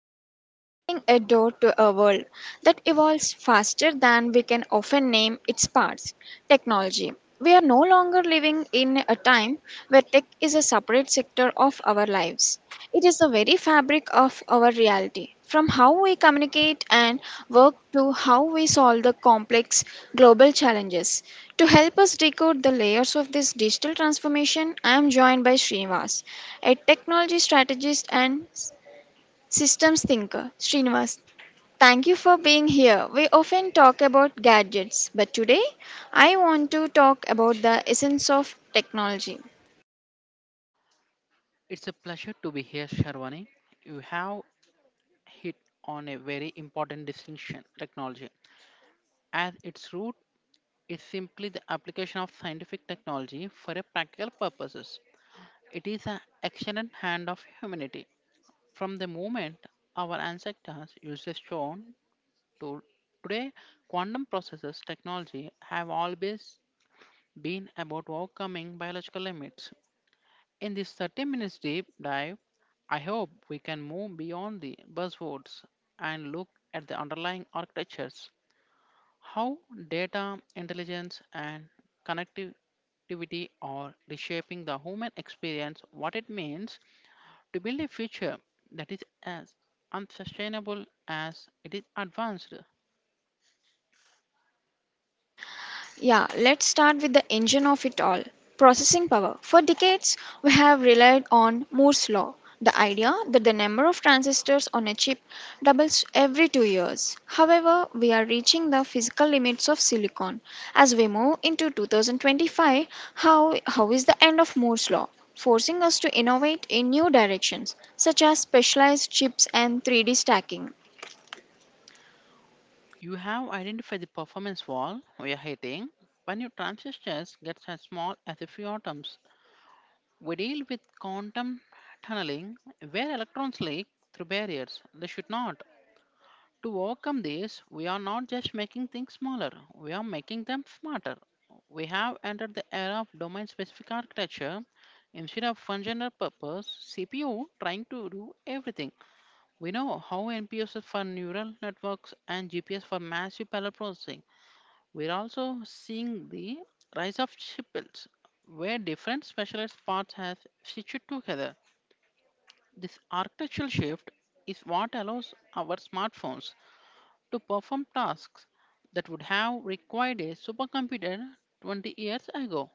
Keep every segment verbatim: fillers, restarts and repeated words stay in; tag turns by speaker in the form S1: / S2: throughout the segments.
S1: Today, we are opening a door to a world that evolves faster than we can often name its parts technology. We are no longer living in a time where tech is a separate sector of our lives, it is the very fabric of our reality. From how we communicate and work to how we solve the complex global challenges. To help us decode the layers of this digital transformation, I am joined by Srinivas, a technology strategist and s- systems thinker. Srinivas, thank you for being here. We often talk about gadgets, but today I want to talk about the essence of technology.
S2: It's a pleasure to be here, Sharwani. You have hit on a very important distinction technology. At its root, is simply the application of scientific technology for a practical purposes. It is an excellent hand of humanity. From the moment our ancestors used a stone to today, quantum processes technology have always been about overcoming biological limits. In this thirty minutes deep dive, I hope we can move beyond the buzzwords and look at the underlying architectures, how data, intelligence, and connectivity are reshaping the human experience, what it means to build a future that is as unsustainable as it is advanced.
S1: Yeah, let's start with the engine of it all processing power. For decades, we have relied on Moore's law, the idea that the number of transistors on a chip doubles every two years. However, we are reaching the physical limits of silicon. As we move into twenty twenty-five, how, how is the end of Moore's law forcing us to innovate in new directions, such as specialized chips and three D stacking?
S2: You have identified the performance wall we are hitting when your transistors get as small as a few atoms. We deal with quantum tunneling, where electrons leak through barriers they should not. To overcome this, we are not just making things smaller, we are making them smarter. We have entered the era of domain specific architecture. Instead of one general purpose C P U trying to do everything, we know how N P Us is for neural networks and G P S for massive parallel processing. We're also seeing the rise of chipsets where different specialized parts have stitched together. This architectural shift is what allows our smartphones to perform tasks that would have required a supercomputer twenty years ago.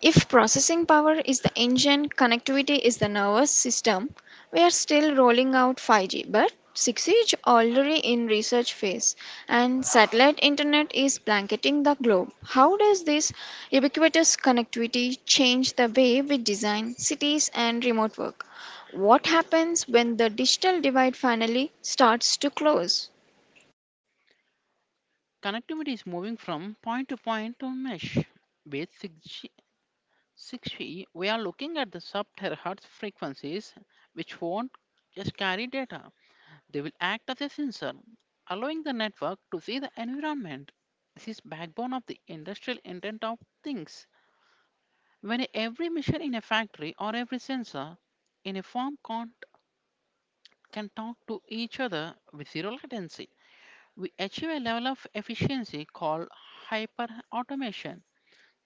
S1: If processing power is the engine, connectivity is the nervous system, we are still rolling out five G, but six G is already in research phase and satellite internet is blanketing the globe. How does this ubiquitous connectivity change the way we design cities and remote work? What happens when the digital divide finally starts to close?
S2: Connectivity is moving from point to point to mesh. With six G, six G, we are looking at the sub terahertz frequencies, which won't just carry data, they will act as a sensor, allowing the network to see the environment. This is backbone of the industrial Internet of Things. When every machine in a factory or every sensor in a farm can, can talk to each other with zero latency, we achieve a level of efficiency called hyper automation.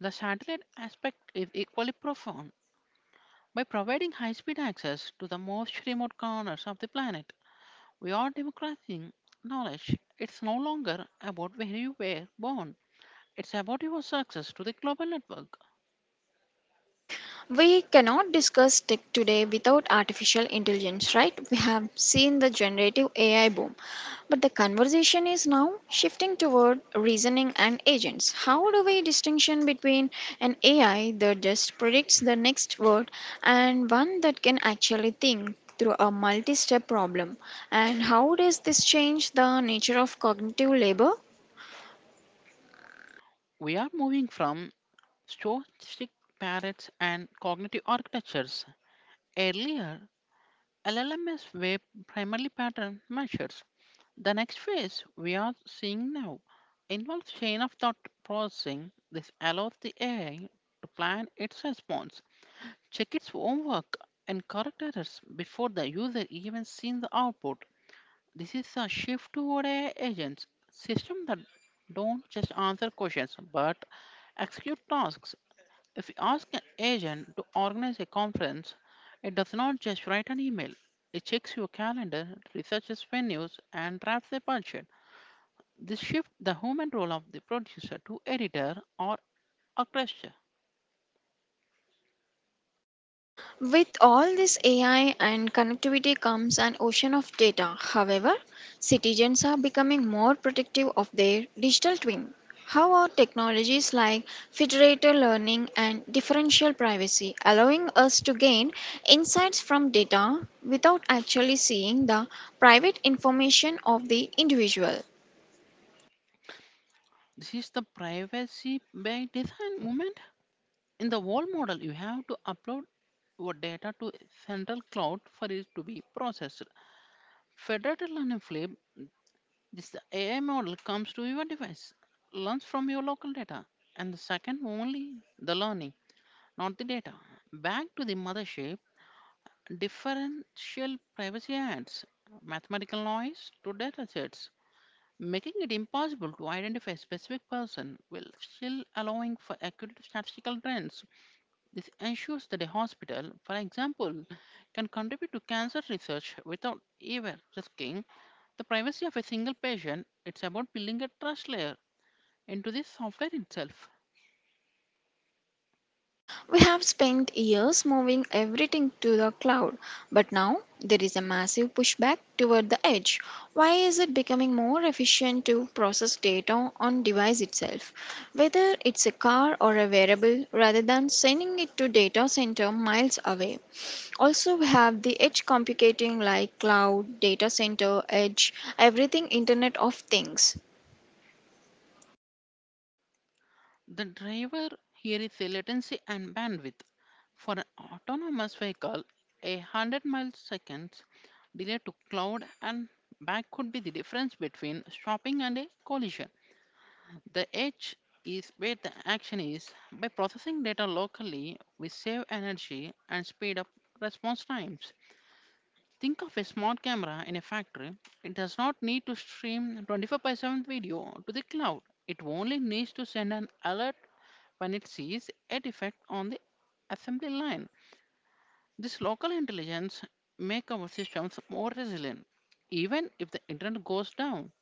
S2: The satellite aspect is equally profound. By providing high speed access to the most remote corners of the planet, we are democratizing knowledge. It's no longer about where you were born, it's about your success to the global network.
S1: We cannot discuss tech today without artificial intelligence, right? We have seen the generative A I boom, but the conversation is now shifting toward reasoning and agents. How do we distinction between an A I that just predicts the next word and one that can actually think through a multi-step problem? And how does this change the nature of cognitive labor?
S2: We are moving from stochastic parrots and cognitive architectures. Earlier, L L Ms were primarily pattern measures. The next phase we are seeing now involves chain of thought processing. This allows the A I to plan its response, check its own work, and correct errors before the user even sees the output. This is a shift toward A I agents, systems that don't just answer questions but execute tasks. If you ask an agent to organize a conference, it does not just write an email. It checks your calendar, researches venues, and drafts a budget. This shifts the human role of the producer to editor or orchestra.
S1: With all this A I and connectivity comes an ocean of data. However, citizens are becoming more protective of their digital twin. How are technologies like federated learning and differential privacy allowing us to gain insights from data without actually seeing the private information of the individual?
S2: This is the privacy by design movement. In the wall model, you have to upload your data to a central cloud for it to be processed. Federated Learning Flip This A I model comes to your device, learns from your local data, and the second only the learning, not the data. Back to the mothership, differential privacy adds mathematical noise to data sets, making it impossible to identify a specific person while still allowing for accurate statistical trends. This ensures that a hospital, for example, can contribute to cancer research without ever risking the privacy of a single patient. It's about building a trust layer into the software itself.
S1: We have spent years moving everything to the cloud, but now there is a massive pushback toward the edge. Why is it becoming more efficient to process data on device itself, whether it's a car or a wearable, rather than sending it to data center miles away? Also, we have the edge computing like cloud, data center, edge, everything Internet of Things.
S2: The driver here is the latency and bandwidth. For an autonomous vehicle, a one hundred mile seconds delay to cloud and back could be the difference between stopping and a collision. The edge is where the action is. By processing data locally, we save energy and speed up response times. Think of a smart camera in a factory. It does not need to stream twenty-four by seven video to the cloud. It only needs to send an alert when it sees a defect on the assembly line. This local intelligence make our systems more resilient. Even if the internet goes down,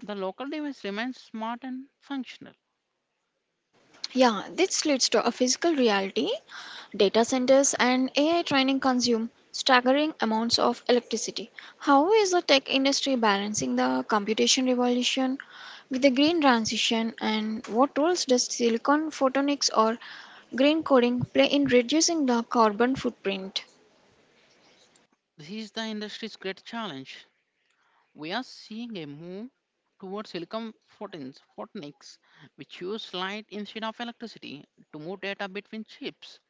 S2: the local device remains smart and functional.
S1: Yeah, this leads to a physical reality. Data centers and A I training consume staggering amounts of electricity. How is the tech industry balancing the computation revolution with the green transition, and what roles does silicon photonics or green coding play in reducing the carbon footprint?
S2: This is the industry's great challenge. We are seeing a move towards silicon photons, photonics, which use light instead of electricity to move data between chips,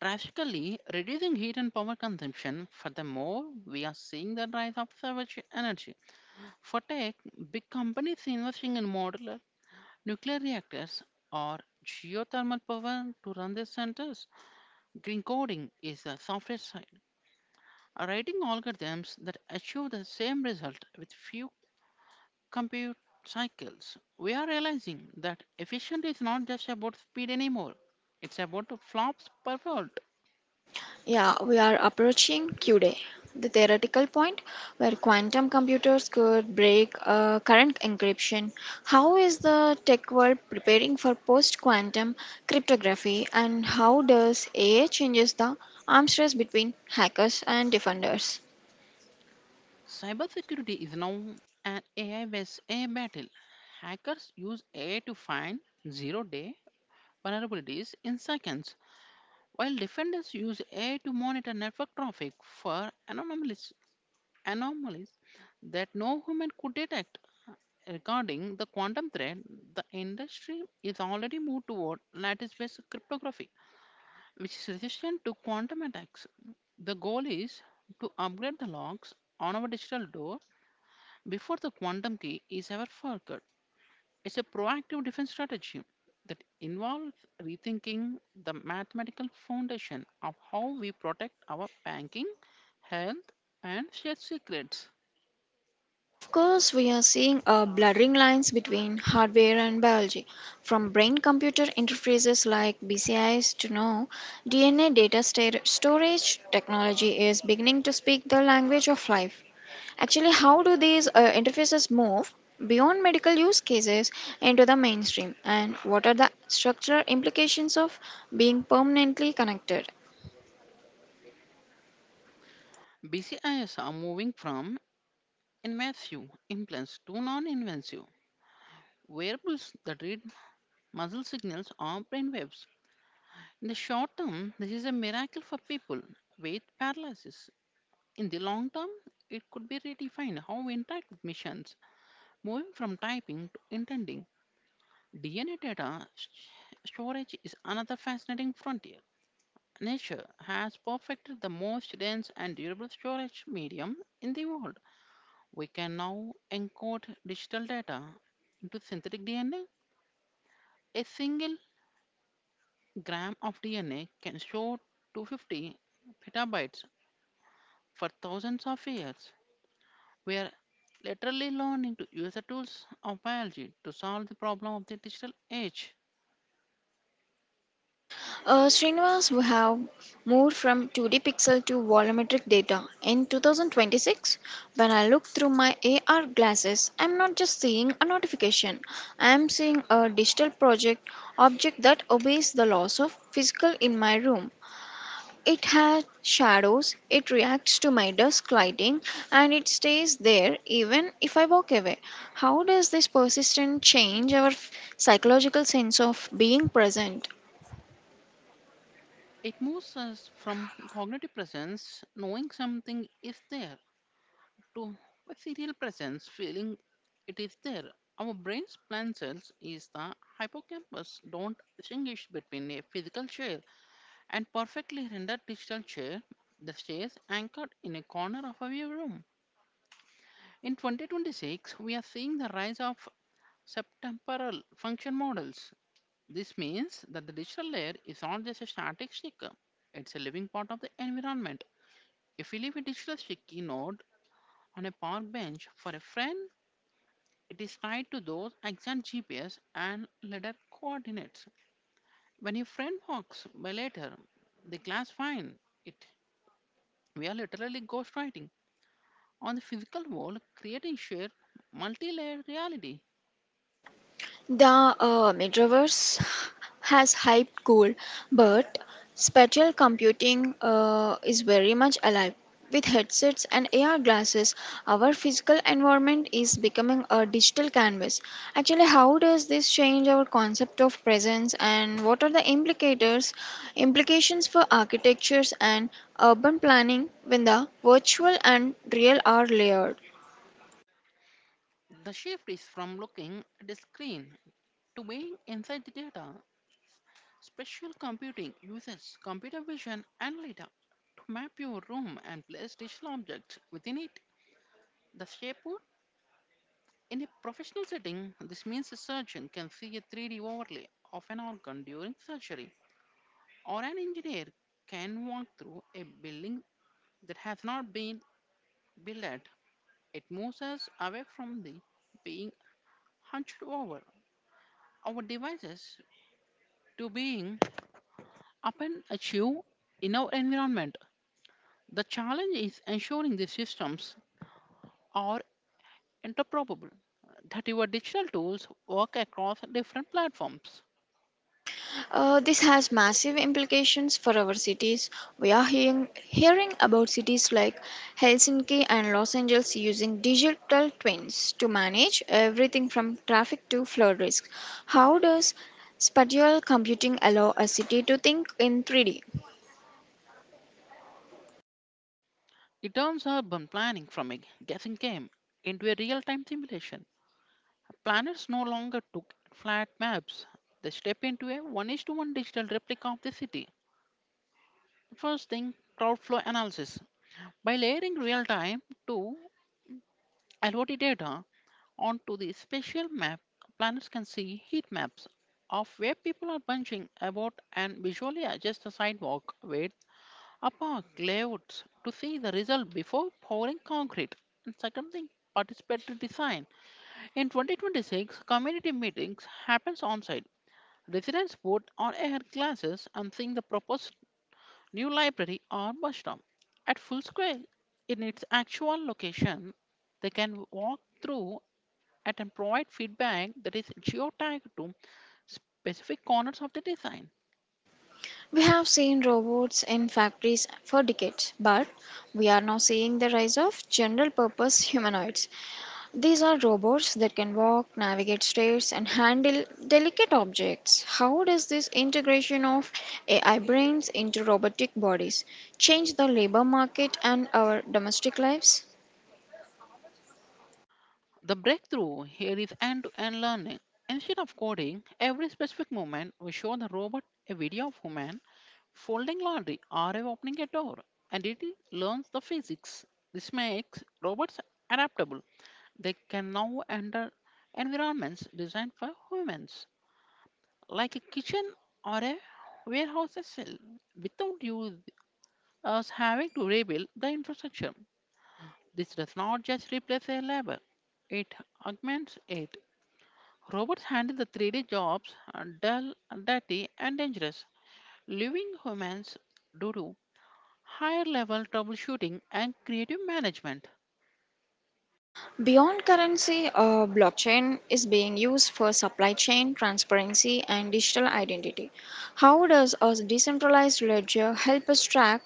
S2: drastically reducing heat and power consumption. Furthermore, we are seeing the rise of savage energy. For tech, big companies investing in modular nuclear reactors or geothermal power to run their centers. Green coding is the software side. Are writing algorithms that achieve the same result with few compute cycles. We are realizing that efficiency is not just about speed anymore. It's about the flops per volt.
S1: Yeah, we are approaching Q Day, the theoretical point where quantum computers could break uh, current encryption. How is the tech world preparing for post quantum cryptography, and how does A I changes the arms race between hackers and defenders?
S2: Cybersecurity is now an A I vs A I battle. Hackers use A I to find zero-day vulnerabilities in seconds, while defenders use A I to monitor network traffic for anomalies, anomalies that no human could detect. Regarding the quantum threat, the industry is already moved toward lattice based cryptography, which is resistant to quantum attacks. The goal is to upgrade the locks on our digital door before the quantum key is ever forked. It's a proactive defense strategy that involves rethinking the mathematical foundation of how we protect our banking, health, and shared secrets.
S1: Of course, we are seeing uh, blurring lines between hardware and biology, from brain computer interfaces like B C Is to now D N A data sta- storage technology is beginning to speak the language of life. Actually, how do these uh, interfaces move beyond medical use cases into the mainstream, and what are the structural implications of being permanently connected?
S2: B C Is are moving from invasive implants to non-invasive wearables that read muscle signals or brain waves. In the short term, this is a miracle for people with paralysis. In the long term, it could be redefined how we interact with machines, moving from typing to intending. D N A data s- storage is another fascinating frontier. Nature has perfected the most dense and durable storage medium in the world. We can now encode digital data into synthetic DNA. A single gram of D N A can store two hundred fifty petabytes for thousands of years. We are literally learning to use the tools of biology to solve the problem of the digital age.
S1: Uh, Srinivas, we have moved from two D pixel to volumetric data. In two thousand twenty-six, when I look through my A R glasses, I'm not just seeing a notification, I'm seeing a digital project object that obeys the laws of physical in my room. It has shadows, it reacts to my desk lighting, and it stays there even if I walk away. How does this persistence change our f- psychological sense of being present?
S2: It moves us from cognitive presence, knowing something is there, to ethereal presence, feeling it is there. Our brain's plant cells is the hippocampus don't distinguish between a physical shell and perfectly rendered digital chair the stays anchored in a corner of our room. In twenty twenty-six, we are seeing the rise of subtemporal function models. This means that the digital layer is not just a static sticker, it's a living part of the environment. If we leave a digital sticky note on a park bench for a friend, it is tied to those exact G P S and ladder coordinates. When your friend walks by later, the glass fine it. We are literally ghostwriting on the physical world, creating sheer multi-layered reality.
S1: The uh, metaverse has hyped cool, but spatial computing uh, is very much alive. With headsets and A R glasses, our physical environment is becoming a digital canvas. Actually, how does this change our concept of presence and what are the implicators, implications for architectures and urban planning when the virtual and real are layered?
S2: The shift is from looking at a screen to being inside the data. Spatial computing uses computer vision and data to map your room and place digital objects within it. The shapewood in a professional setting, this means a surgeon can see a three D overlay of an organ during surgery, or an engineer can walk through a building that has not been built. It moves us away from the being hunched over our devices to being up and achieve in our environment. The challenge is ensuring these systems are interoperable, that your digital tools work across different platforms.
S1: Uh, this has massive implications for our cities. We are hearing, hearing about cities like Helsinki and Los Angeles using digital twins to manage everything from traffic to flood risk. How does spatial computing allow a city to think in three D?
S2: It turns urban planning from a guessing game into a real time simulation. Planners no longer took flat maps, they step into a one is to one digital replica of the city. First thing crowd flow analysis. By layering real time to L O T data onto the spatial map, planners can see heat maps of where people are bunching about and visually adjust the sidewalk width or park layouts to see the result before pouring concrete. And second thing, participatory design. In twenty twenty-six, community meetings happens on site. Residents vote on air classes and seeing the proposed New Library or bus stop. At full scale, in its actual location, they can walk through it and provide feedback that is geotagged to specific corners of the design.
S1: We have seen robots in factories for decades, but we are now seeing the rise of general purpose humanoids. These are robots that can walk, navigate stairs, and handle delicate objects. How does this integration of A I brains into robotic bodies change the labor market and our domestic lives?
S2: The breakthrough here is end to end learning. Instead of coding every specific moment, we show the robot a video of human folding laundry or opening a door, and it learns the physics. This makes robots adaptable. They can now enter environments designed for humans, like a kitchen or a warehouse cell, without you us having to rebuild the infrastructure. This does not just replace a labor, it augments it. Robots handle the three D jobs, uh, dull, dirty, and dangerous. Leaving humans do higher level troubleshooting and creative management.
S1: Beyond currency, uh, blockchain is being used for supply chain transparency and digital identity. How does a decentralized ledger help us track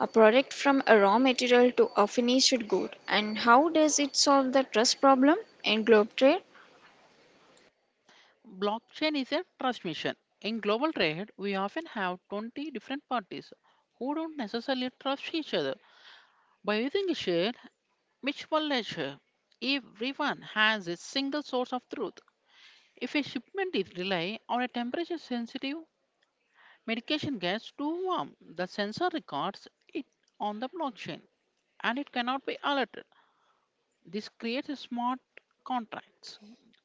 S1: a product from a raw material to a finished good? And how does it solve the trust problem in global trade?
S2: Blockchain is a trust mission. In global trade, we often have twenty different parties who don't necessarily trust each other. By using a shared mutual ledger, everyone has a single source of truth. If a shipment is delayed or a temperature sensitive Medication gets too warm. The sensor records it on the blockchain and it cannot be altered. This creates a smart contracts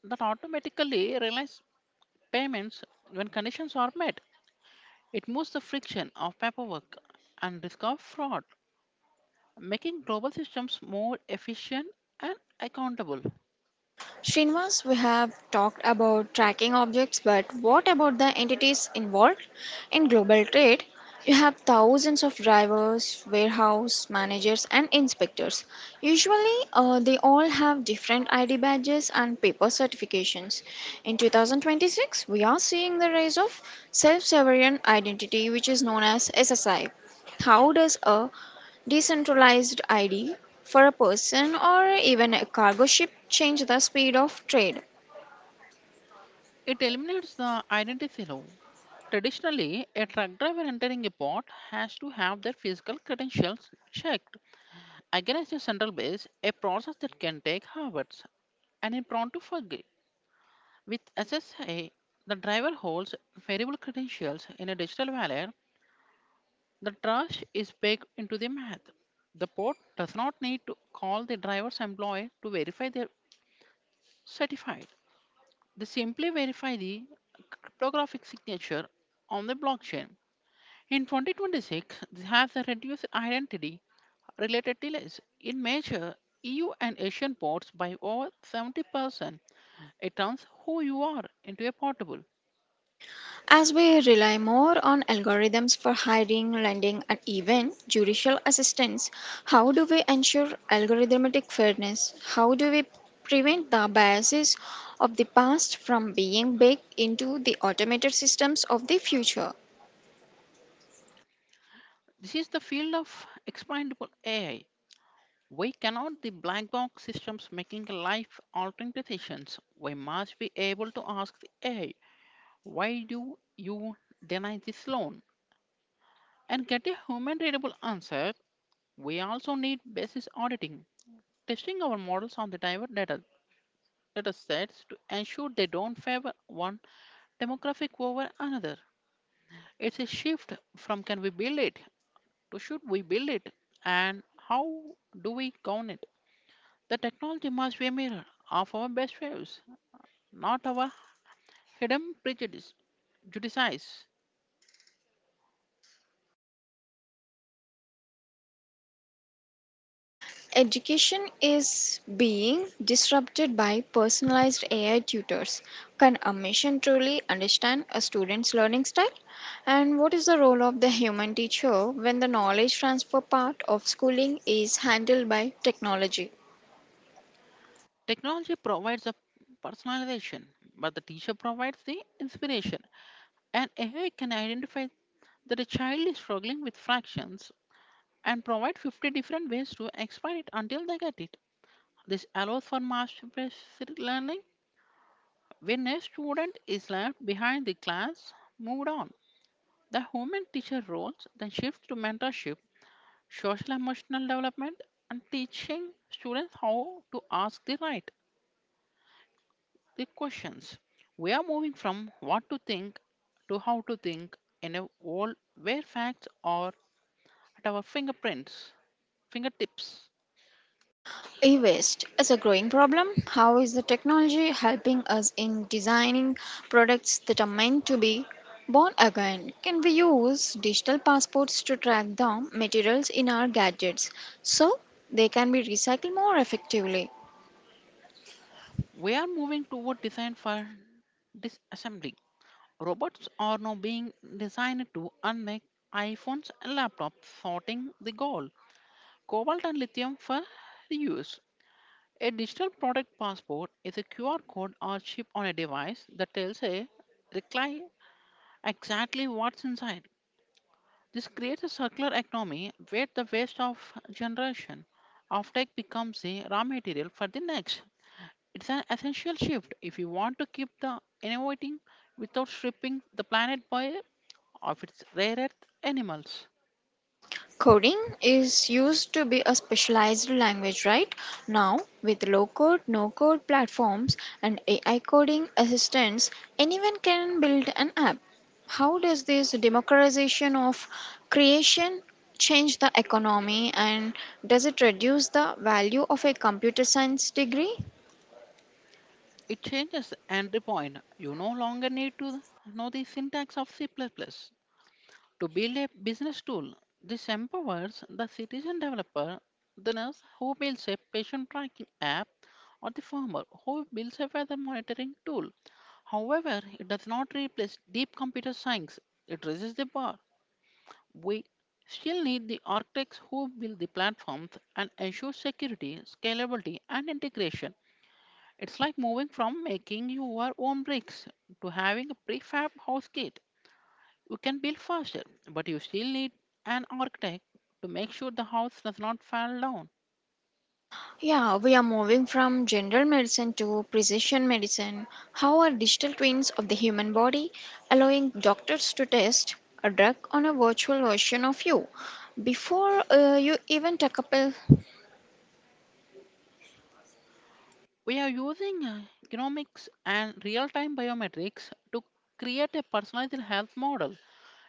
S2: that automatically realize payments when conditions are met. It moves the friction of paperwork and risk of fraud, making global systems more efficient and accountable.
S1: Srinivas, we have talked about tracking objects, but what about the entities involved? In global trade, you have thousands of drivers, warehouse managers, and inspectors. Usually, uh, they all have different I D badges and paper certifications. In two thousand twenty-six, we are seeing the rise of self sovereign identity, which is known as S S I. How does a decentralized I D for a person or even a cargo ship change the speed of trade?
S2: It eliminates the identity law. Traditionally, a truck driver entering a port has to have their physical credentials checked Against the central base, a process that can take hours and is prone to forgery. With S S A, the driver holds variable credentials in a digital wallet. The trust is baked into the math. The port does not need to call the driver's employee to verify their are certified. They simply verify the cryptographic signature on the blockchain. In twenty twenty-six, this has a reduced identity related delays in major E U and Asian ports by over seventy percent. It turns who you are into a portable.
S1: As we rely more on algorithms for hiring, lending, and even judicial assistance, how do we ensure algorithmic fairness? How do we prevent the biases of the past from being baked into the automated systems of the future?
S2: This is the field of expandable A I. We cannot the black box systems making life altering decisions. We must be able to ask the A I, why do you deny this loan? And get a human readable answer. We also need basis auditing, testing our models on the diverse data, data sets to ensure they don't favor one demographic over another. It's a shift from can we build it to should we build it and how do we count it. The technology must be a mirror of our best values, not our hidden prejudice. Judices.
S1: Education is being disrupted by personalized A I tutors. Can a machine truly understand a student's learning style? And what is the role of the human teacher when the knowledge transfer part of schooling is handled by technology?
S2: Technology provides the personalization, but the teacher provides the inspiration. And A I can identify that a child is struggling with fractions and provide fifty different ways to explain it until they get it. This allows for mastery learning. When a student is left behind, the class moved on. The human teacher roles then shift to mentorship, social emotional development, and teaching students how to ask the right the questions. We are moving from what to think to how to think in a world where facts are at our fingerprints, fingertips.
S1: E waste is a growing problem. How is the technology helping us in designing products that are meant to be born again? Can we use digital passports to track down materials in our gadgets so they can be recycled more effectively?
S2: We are moving toward design for disassembly. Robots are now being designed to unmake iPhones and laptops, sorting the gold, cobalt, and lithium for reuse. A digital product passport is a Q R code or chip on a device that tells a recline exactly what's inside. This creates a circular economy where the waste of generation offtake becomes the raw material for the next. It's an essential shift if you want to keep the innovating without stripping the planet by of its rare earth animals.
S1: Coding is used to be a specialized language, right? Now, with low code, no code platforms and A I coding assistants, anyone can build an app. How does this democratization of creation change the economy and does it reduce the value of a computer science degree?
S2: It changes the entry point. You no longer need to know the syntax of C++ plus plus to build a business tool. This empowers the citizen developer, the nurse who builds a patient tracking app, or the farmer who builds a weather monitoring tool. However, it does not replace deep computer science. It raises the bar. We still need the architects who build the platforms and ensure security, scalability, and integration. It's like moving from making your own bricks to having a prefab house kit. You can build faster, but you still need an architect to make sure the house does not fall down.
S1: Yeah, we are moving from general medicine to precision medicine. How are digital twins of the human body allowing doctors to test a drug on a virtual version of you before uh, you even take a pill?
S2: We are using uh, genomics and real time biometrics to create a personalized health model.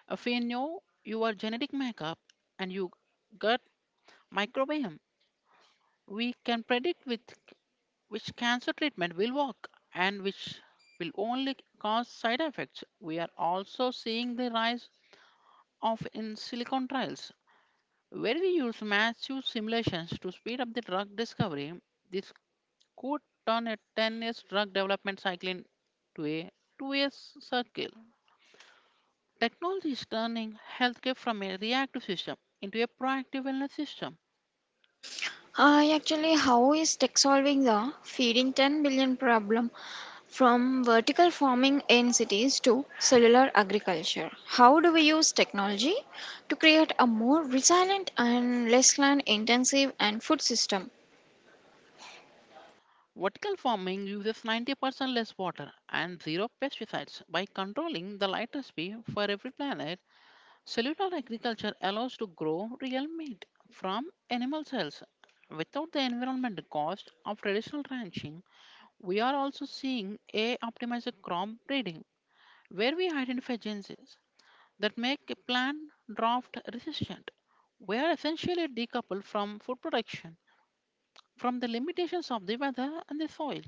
S2: If we know your genetic makeup and you gut microbiome, we can predict with which cancer treatment will work and which will only cause side effects. We are also seeing the rise of in silicon trials, where we use massive simulations to speed up the drug discovery. This could turn a ten years drug development cycle into a two years cycle. Technology is turning healthcare from a reactive system into a proactive wellness system.
S1: Uh, actually, how is tech solving the feeding ten billion problem from vertical farming in cities to cellular agriculture? How do we use technology to create a more resilient and less land intensive and food system?
S2: Vertical farming uses ninety percent less water and zero pesticides by controlling the lighter speed for every planet. Cellular agriculture allows to grow real meat from animal cells without the environmental cost of traditional ranching. We are also seeing a optimized crop breeding where we identify genes that make a plant drought resistant. We are essentially decoupled from food production from the limitations of the weather and the soil.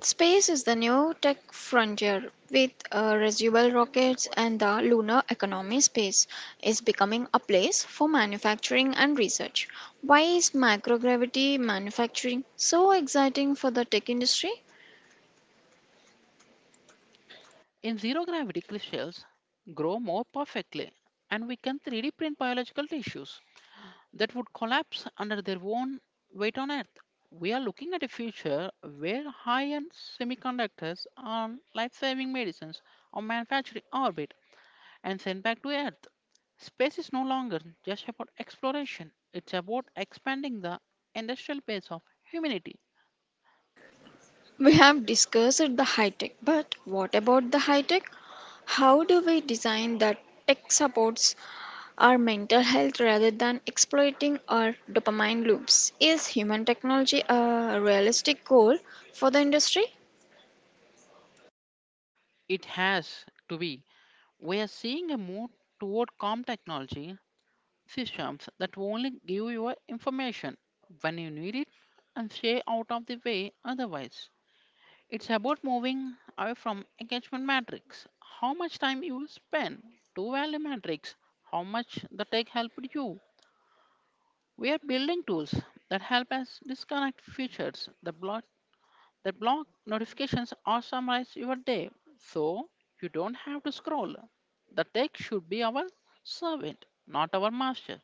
S1: Space is the new tech frontier with uh, reusable rockets and the lunar economy. Space is becoming a place for manufacturing and research. Why is microgravity manufacturing so exciting for the tech industry?
S2: In zero gravity, crystals grow more perfectly, and we can three D print biological tissues that would collapse under their own weight on Earth. We are looking at a future where high end semiconductors and life saving medicines are manufactured in orbit and sent back to Earth. Space is no longer just about exploration, it's about expanding the industrial base of humanity.
S1: We have discussed the high tech, but what about the high tech? How do we design that tech supports our mental health rather than exploiting our dopamine loops? Is human technology a realistic goal for the industry?
S2: It has to be. We are seeing a move toward calm technology systems that only give you information when you need it and stay out of the way otherwise. It's about moving away from engagement matrix, how much time you spend, to value matrix, how much the tech helped you. We are building tools that help us disconnect features that block that block notifications or summarize your day so you don't have to scroll. The tech should be our servant, not our master.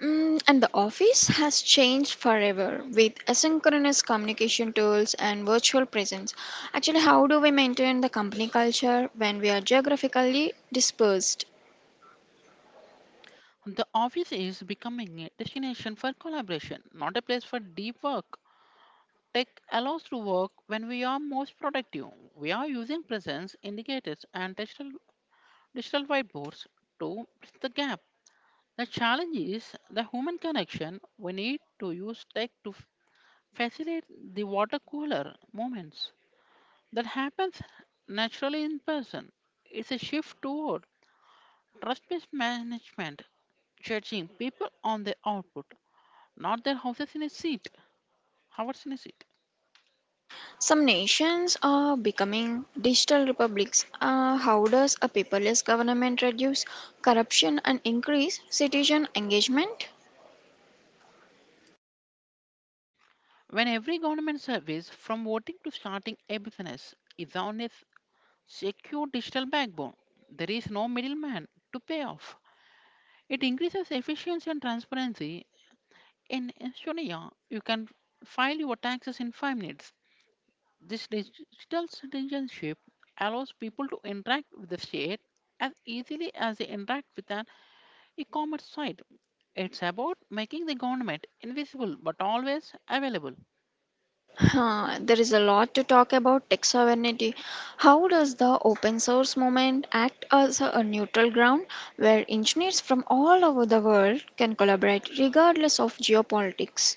S1: Mm, and the office has changed forever with asynchronous communication tools and virtual presence. Actually, how do we maintain the company culture when we are geographically dispersed?
S2: The office is becoming a destination for collaboration, not a place for deep work. Tech allows to work when we are most productive. We are using presence indicators and digital, digital whiteboards to bridge the gap. The challenge is the human connection. We need to use tech to f- facilitate the water cooler moments that happens naturally in person. It's a shift toward trust-based management, judging people on their output not their houses in a seat, hours in a seat.
S1: Some nations are becoming digital republics. Uh, how does a paperless government reduce corruption and increase citizen engagement?
S2: When every government service, from voting to starting a business, is on a s- secure digital backbone, there is no middleman to pay off. It increases efficiency and transparency. In Estonia, you can file your taxes in five minutes. This digital citizenship allows people to interact with the state as easily as they interact with an e-commerce site. It's about making the government invisible but always available.
S1: Huh, there is a lot to talk about tech sovereignty. How does the open source movement act as a neutral ground where engineers from all over the world can collaborate regardless of geopolitics?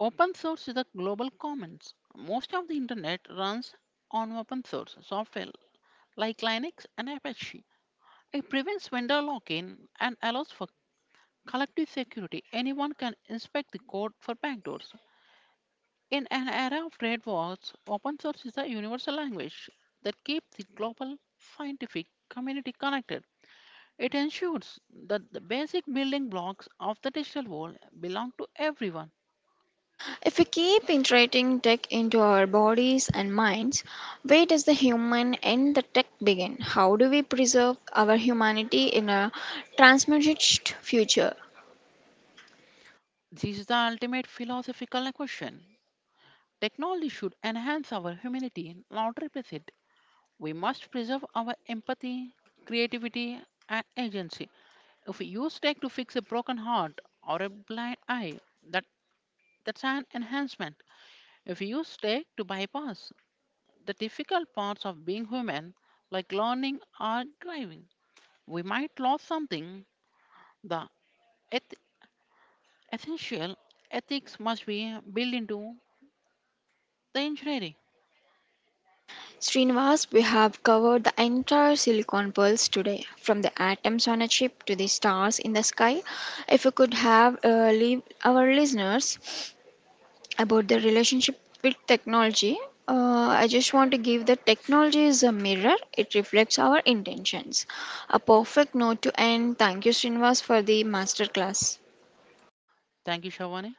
S2: Open source is the global commons. Most of the internet runs on open source software like Linux and Apache. It prevents vendor lock-in and allows for collective security. Anyone can inspect the code for backdoors. In an era of trade wars, open source is the universal language that keeps the global scientific community connected. It ensures that the basic building blocks of the digital world belong to everyone.
S1: If we keep integrating tech into our bodies and minds, where does the human and the tech begin? How do we preserve our humanity in a transmutaged future?
S2: This is the ultimate philosophical question. Technology should enhance our humanity, not replace it. We must preserve our empathy, creativity, and agency. If we use tech to fix a broken heart or a blind eye, that, that's an enhancement. If we use tech to bypass the difficult parts of being human, like learning or driving, we might lose something. The eth- essential ethics must be built into the engineering.
S1: Srinivas, we have covered the entire silicon pulse today, from the atoms on a chip to the stars in the sky. If we could have uh, leave our listeners about the relationship with technology. Uh, I just want to give that technology is a mirror. It reflects our intentions. A perfect note to end. Thank you, Srinivas, for the masterclass.
S2: Thank you, Shavani.